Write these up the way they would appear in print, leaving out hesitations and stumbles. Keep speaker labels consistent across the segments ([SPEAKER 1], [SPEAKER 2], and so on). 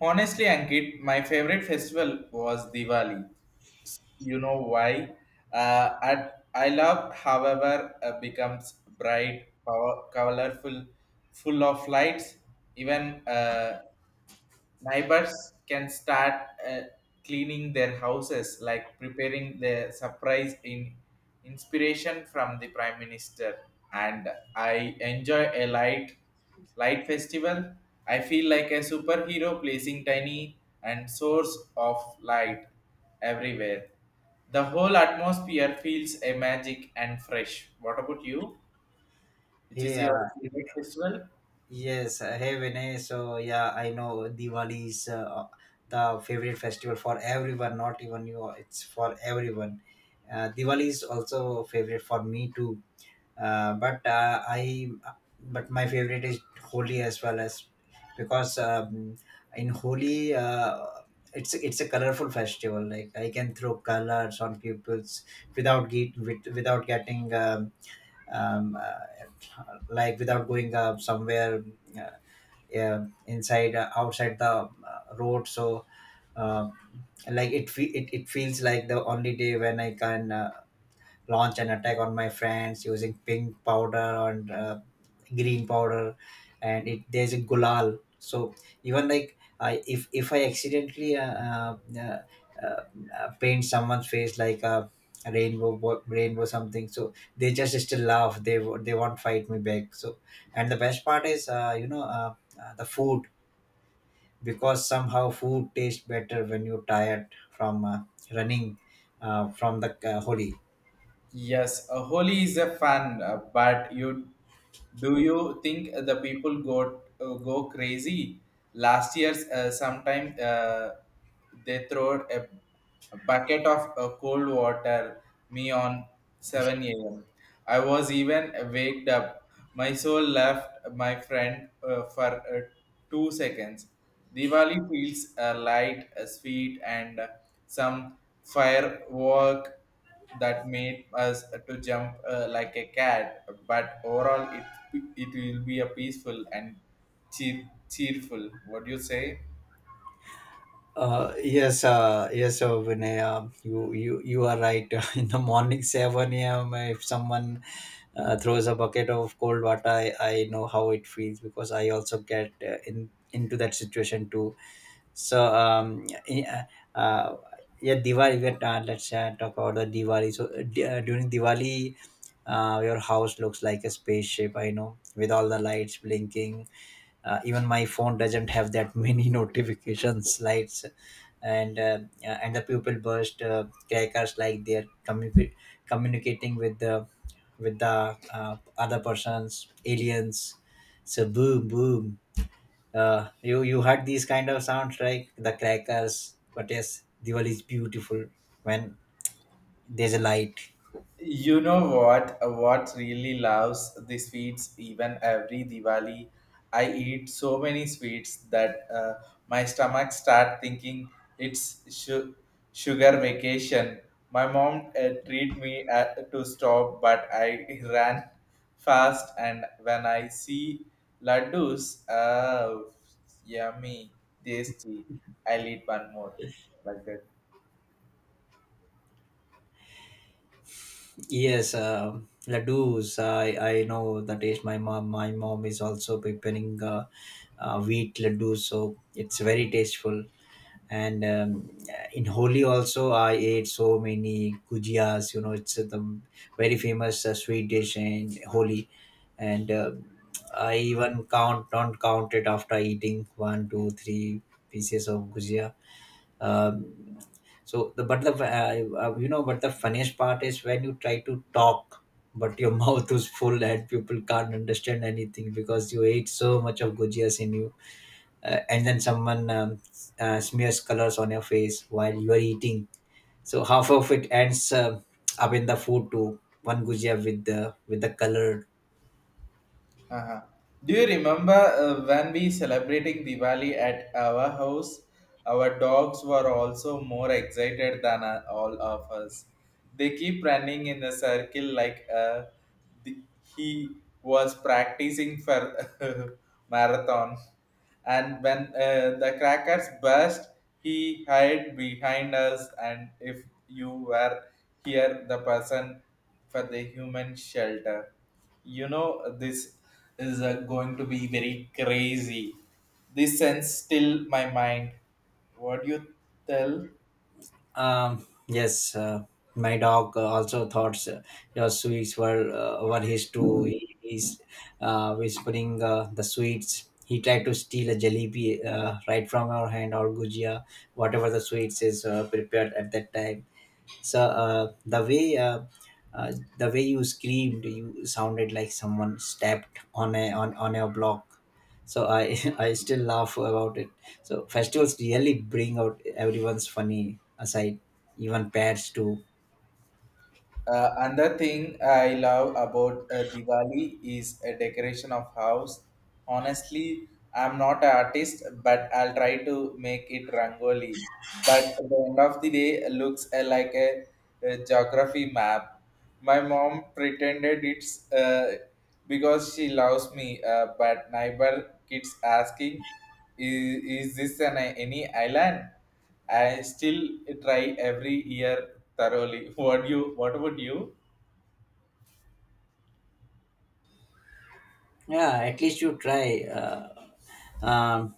[SPEAKER 1] Honestly, Ankit, my favorite festival was Diwali. You know why? At, I love, however, becomes bright, power, colorful, full of lights. Even neighbors can start uh, cleaning their houses, like preparing the surprise in inspiration from the Prime Minister. And I enjoy a light festival. I feel like a superhero placing tiny and source of light everywhere. The whole atmosphere feels a magic and fresh. What about you? Which is your
[SPEAKER 2] Yeah,
[SPEAKER 1] favorite festival?
[SPEAKER 2] yes. Hey, Vinay. So, I know Diwali is the favorite festival for everyone, not even you. It's for everyone. Diwali is also favorite for me too. Uh, but uh, I, but my favorite is Holi as well as because in Holi, it's a colorful festival. Like I can throw colors on pupils without without getting. Like without going somewhere uh, yeah, inside outside the road so um, like it, fe- it feels like the only day when I can launch an attack on my friends using pink powder and green powder and it there's a gulal, so even like I if I accidentally paint someone's face like a rainbow something, so they just still laugh. They they won't fight me back. So and the best part is the food, because somehow food tastes better when you're tired from running from the holi.
[SPEAKER 1] Yes, Holi is a fun, but you do you think the people go go crazy? Last year's sometime they a bucket of cold water me on 7 a.m. I was even waked up. My soul left my friend for 2 seconds. Diwali feels light, sweet, and some firework that made us to jump like a cat, but overall it will be a peaceful and cheerful. What do you say?
[SPEAKER 2] Yes, Vinay, you are right. In the morning, 7 a.m., if someone throws a bucket of cold water, I know how it feels, because I also get in into that situation too. So, uh, uh, yeah, Diwali, let's talk about the Diwali. So, during Diwali, your house looks like a spaceship, I know, with all the lights blinking. Even my phone doesn't have that many notifications lights, and and the pupil burst crackers like they're communicating with the other persons aliens. So boom boom, you heard these kind of sounds, right? The crackers. But yes, diwali is beautiful when there's a light.
[SPEAKER 1] You know what? What really loves the sweets? Even every Diwali, I eat so many sweets that my stomach start thinking it's sugar vacation. My mom treat me, to stop, but I ran fast. And when I see laddus, oh, yummy, tasty! I'll eat one more like that.
[SPEAKER 2] Yes, ladoos. I know the taste. My mom is also preparing wheat ladoos, so it's very tasteful. And in Holi also, I ate so many gujias. You know, it's the very famous sweet dish in Holi, and I even count don't count it after eating one, two, three pieces of gujia. Um, so the but the you know but the funniest part is when you try to talk, but your mouth is full and people can't understand anything because you ate so much of gujias in you, and then someone smears colors on your face while you are eating. So half of it ends up in the food too. One gujia with the color.
[SPEAKER 1] Uh-huh. Do you remember when we celebrating Diwali at our house? Our dogs were also more excited than all of us. They keep running in a circle like the, he was practicing for marathon, and when the crackers burst, he hid behind us, and if you were here the person for the human shelter, you know, this is going to be very crazy. This sends still my mind. What do you tell?
[SPEAKER 2] Um, yes, uh, my dog also thought your sweets were his too. He's whispering the sweets. He tried to steal a jalebi right from our hand or gujia, whatever the sweets is prepared at that time. So uh, the way you screamed, you sounded like someone stepped on on a block. So I I still laugh about it. So festivals really bring out everyone's funny aside, even pairs too.
[SPEAKER 1] Another thing I love about Diwali is a decoration of house. Honestly, I'm not an artist, but I'll try to make it rangoli. But at the end of the day, it looks like a geography map. My mom pretended it's because she loves me, but neighbor keeps asking, "Is this an any island?" I still try every year thoroughly. What you? What about you?
[SPEAKER 2] Yeah, at least you try. Um,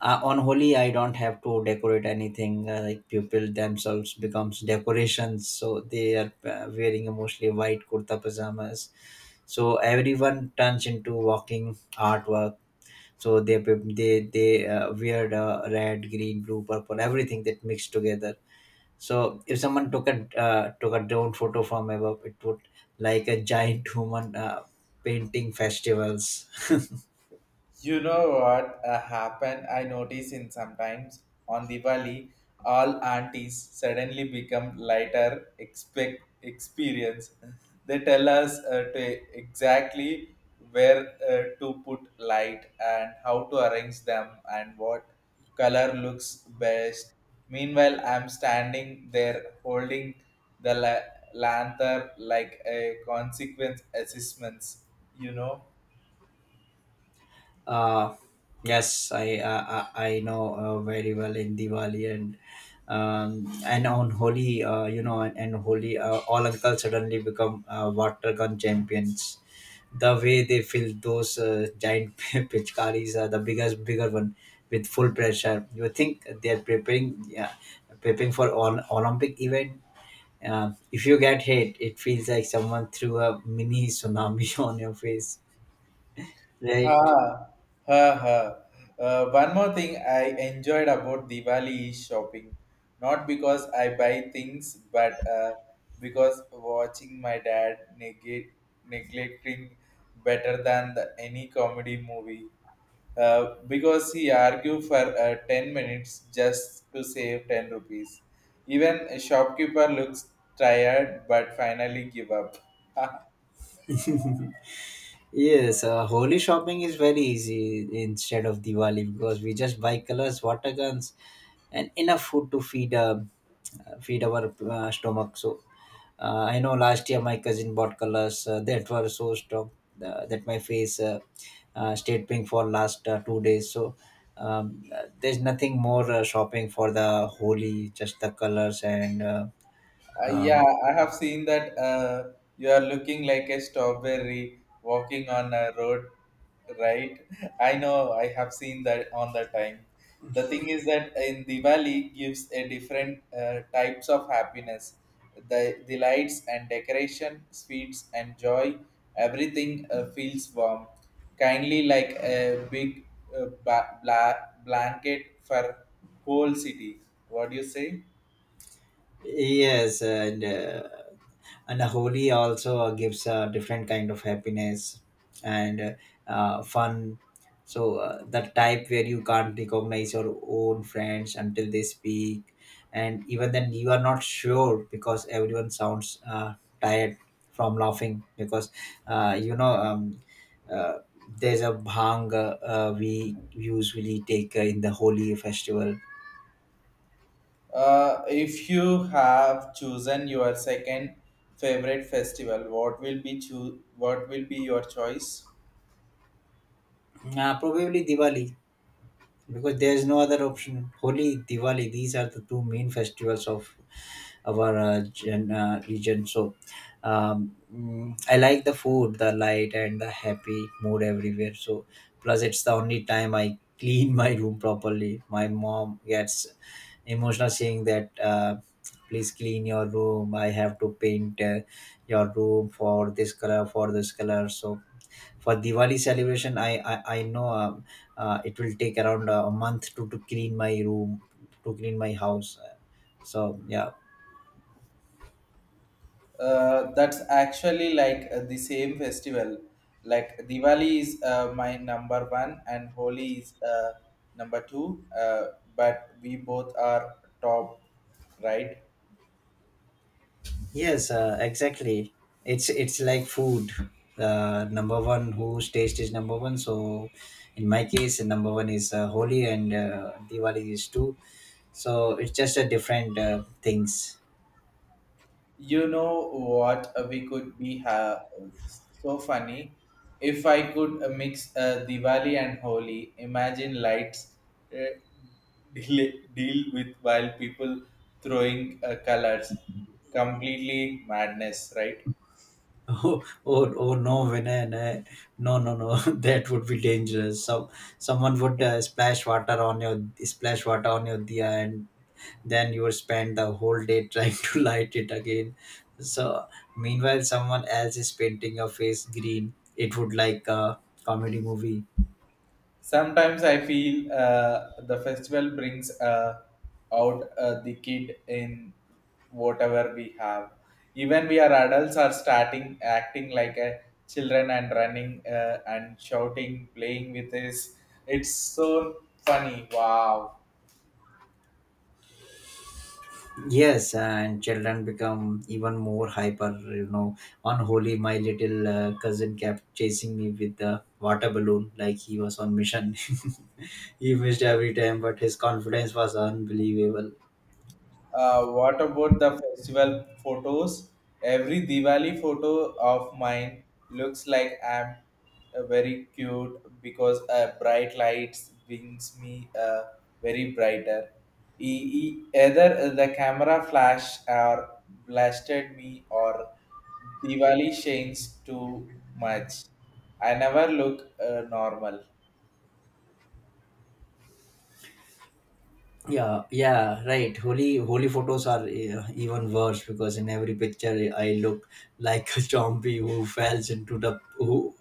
[SPEAKER 2] on Holi, I don't have to decorate anything. Like people themselves becomes decorations, so they are wearing mostly white kurta pajamas. So everyone turns into walking artwork. So they wear red, green, blue, purple, everything that mixed together. So if someone took a took a drone photo from above, it would like a giant human painting festivals.
[SPEAKER 1] You know what happened? I notice in sometimes on Diwali, all aunties suddenly become lighter expect experience. They tell us to exactly where to put light and how to arrange them and what color looks best. Meanwhile, I'm standing there holding the lantern like a consequence assessments. You know.
[SPEAKER 2] uh, yes, I I know very well in diwali. And and on Holi, and Holi, all uncles suddenly become water gun champions. The way they fill those giant pitchkaris, bigger one, with full pressure. You think they're preparing, yeah, preparing for an Olympic event. If you get hit, it feels like someone threw a mini tsunami on your face, right?
[SPEAKER 1] Ah, ha, ha. One more thing I enjoyed about Diwali is shopping. Not because I buy things, but because watching my dad neglecting better than any comedy movie. Because he argued for 10 minutes just to save 10 rupees. Even a shopkeeper looks tired but finally give up.
[SPEAKER 2] Yes, Holi shopping is very easy instead of Diwali, because we just buy colors, water guns, and enough food to feed feed our stomach. So I know last year my cousin bought colors that were so strong that my face stayed pink for last 2 days. So there's nothing more shopping for the Holi, just the colors and
[SPEAKER 1] Yeah, I have seen that you are looking like a strawberry walking on a road, right? I know, I have seen that on the time. The thing is that in Diwali gives a different types of happiness. The lights and decoration, sweets and joy, everything feels warm, kindly like a big blanket for whole city. What do you say?
[SPEAKER 2] yes, and. And holi also gives a different kind of happiness and fun. So that type where you can't recognize your own friends until they speak, and even then you are not sure, because everyone sounds tired from laughing because uh, you know um, uh, there's a bhang we usually take in the holi festival.
[SPEAKER 1] If you have chosen your second favorite festival, what will be what will be your choice?
[SPEAKER 2] Probably diwali, because there's no other option. Holi, Diwali, these are the two main festivals of our region. So, I like the food, the light, and the happy mood everywhere. So, plus, it's the only time I clean my room properly. My mom gets emotional saying that. Please clean your room, I have to paint your room for this color, for this color. So for Diwali celebration, I know it will take around a month to clean my room, to clean my house. So yeah,
[SPEAKER 1] That's actually like the same festival. Like Diwali is my number one and Holi is number two. But we both are top, right?
[SPEAKER 2] yes, exactly. It's like food. Number one, whose taste is number one. So in my case, number one is Holi and Diwali is two. So it's just a different things.
[SPEAKER 1] You know what? We could be so funny if I could mix Diwali and Holi. Imagine lights uh, deal with while people throwing colors. Completely madness, right?
[SPEAKER 2] Oh, oh, oh no, Vinay, no, no, no, no. That would be dangerous. Someone would splash water on your diya, and then you would spend the whole day trying to light it again. So, meanwhile, someone else is painting your face green. It would like a comedy movie.
[SPEAKER 1] Sometimes I feel the festival brings out the kid in whatever we have. Even we are adults are starting acting like a children and running and shouting playing with this. It's so funny, wow.
[SPEAKER 2] Yes, and children become even more hyper. You know, on Holi, my little cousin kept chasing me with the water balloon like he was on mission. He missed every time, but his confidence was unbelievable.
[SPEAKER 1] What about the festival photos? Every Diwali photo of mine looks like I'm very cute because bright lights brings me very brighter. Either the camera flash or blasted me or Diwali shines too much. I never look normal.
[SPEAKER 2] Yeah, yeah, right. Holy, holy photos are even worse, because in every picture I look like a zombie who falls into the who,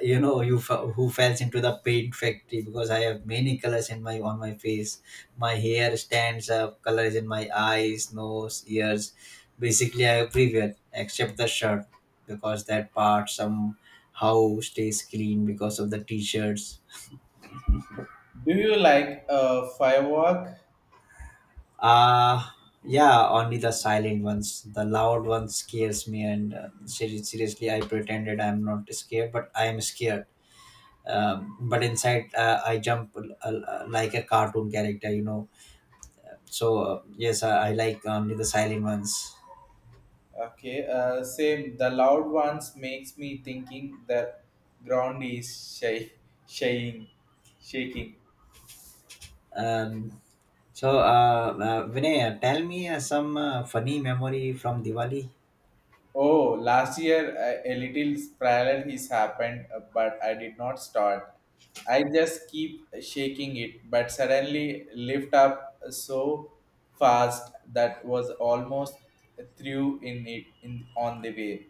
[SPEAKER 2] you know, you fa- who falls into the paint factory, because I have many colors in my on my face. My hair stands up, colors in my eyes, nose, ears. Basically, I everywhere except the shirt because that part somehow stays clean because of the t-shirts.
[SPEAKER 1] Do you like firework?
[SPEAKER 2] Uh yeah, only the silent ones. The loud ones scares me, and seriously, I pretended I'm not scared, but I am scared. But inside, I jump like a cartoon character, you know. So yes, I like only the silent ones.
[SPEAKER 1] Okay, same. The loud ones makes me thinking the ground is shy, shaking, shaking.
[SPEAKER 2] Um, so uh, Vinay, tell me some funny memory from Diwali.
[SPEAKER 1] Oh, last year a little spiral has happened, but I did not start. I just keep shaking it, but suddenly lift up so fast that was almost threw in it in on the way.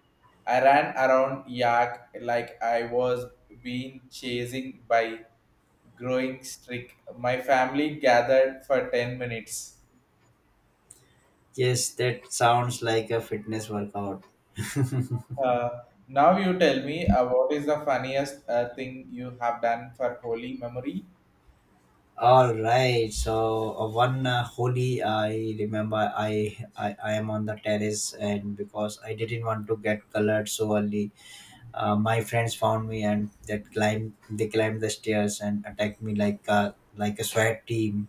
[SPEAKER 1] I ran around yak like I was being chasing by growing streak. My family gathered for 10 minutes.
[SPEAKER 2] Yes, that sounds like a fitness workout.
[SPEAKER 1] Uh, Now you tell me what is the funniest thing you have done for holy memory?
[SPEAKER 2] All right. So one holy, I remember I am on the terrace, and because I didn't want to get colored so early, my friends found me and that climbed they climbed the stairs and attacked me like a SWAT team,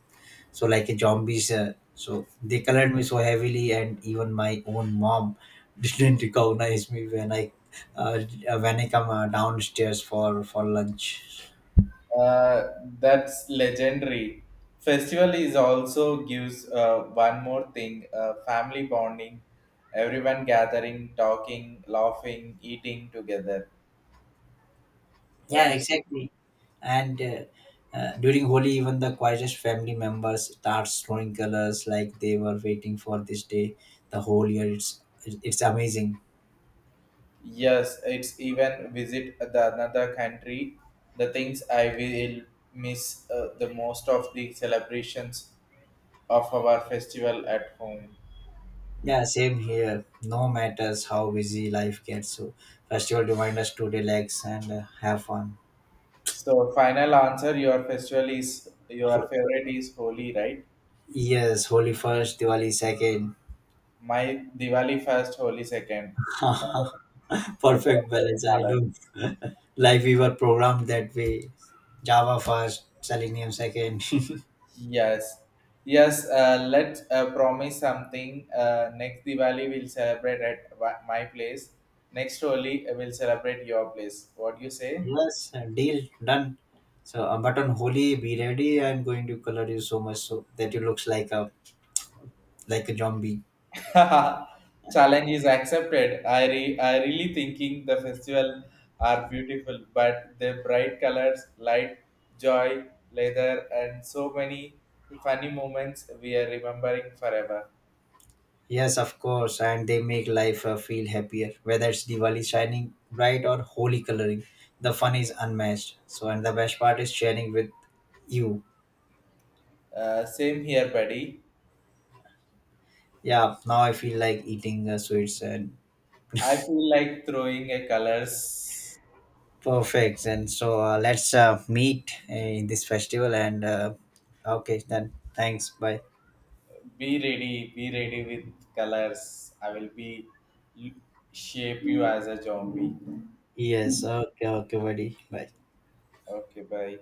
[SPEAKER 2] so like a zombies. So they colored me so heavily, and even my own mom didn't recognize me uh, when I come downstairs for lunch.
[SPEAKER 1] Uh, that's legendary. Festival is also gives one more thing: family bonding. Everyone gathering, talking, laughing, eating together. What do
[SPEAKER 2] Yeah,
[SPEAKER 1] you say?
[SPEAKER 2] exactly. and During Holi, even the quietest family members start throwing colors like they were waiting for this day the whole year. It's amazing.
[SPEAKER 1] Yes, it's even visit the another country. The things I will miss the most of the celebrations of our festival at home.
[SPEAKER 2] Yeah, same here. No matters how busy life gets, so festival remind us to relax and have fun.
[SPEAKER 1] So final answer, your festival is your
[SPEAKER 2] Ho-
[SPEAKER 1] favorite is Holi, right?
[SPEAKER 2] Yes, Holi first, Diwali second.
[SPEAKER 1] My Diwali first, Holi second. Uh,
[SPEAKER 2] Perfect balance. I
[SPEAKER 1] balance.
[SPEAKER 2] know. Like we were programmed that way. Java first, Selenium second.
[SPEAKER 1] Yes, yes. Let's promise something. Next Diwali we'll celebrate at my place. Next Holi we'll celebrate your place. What do you say?
[SPEAKER 2] Yes, deal done. So, but on Holi, be ready. I'm going to color you so much so that you looks like a zombie.
[SPEAKER 1] Challenge is accepted. I really thinking the festival are beautiful, but the bright colors, light, joy, leather, and so many funny moments we are remembering forever.
[SPEAKER 2] Yes, of course, and they make life feel happier. Whether it's Diwali shining bright or Holi coloring, the fun is unmatched. So, and the best part is sharing with you.
[SPEAKER 1] Same here, buddy.
[SPEAKER 2] Yeah, now I feel like eating sweets and
[SPEAKER 1] I feel like throwing a colors.
[SPEAKER 2] perfect. And so let's meet in this festival. And okay, then thanks. Bye.
[SPEAKER 1] Be ready with colors. I will be shape you as a zombie.
[SPEAKER 2] Yes. Okay. Okay, buddy. Bye.
[SPEAKER 1] Okay, bye.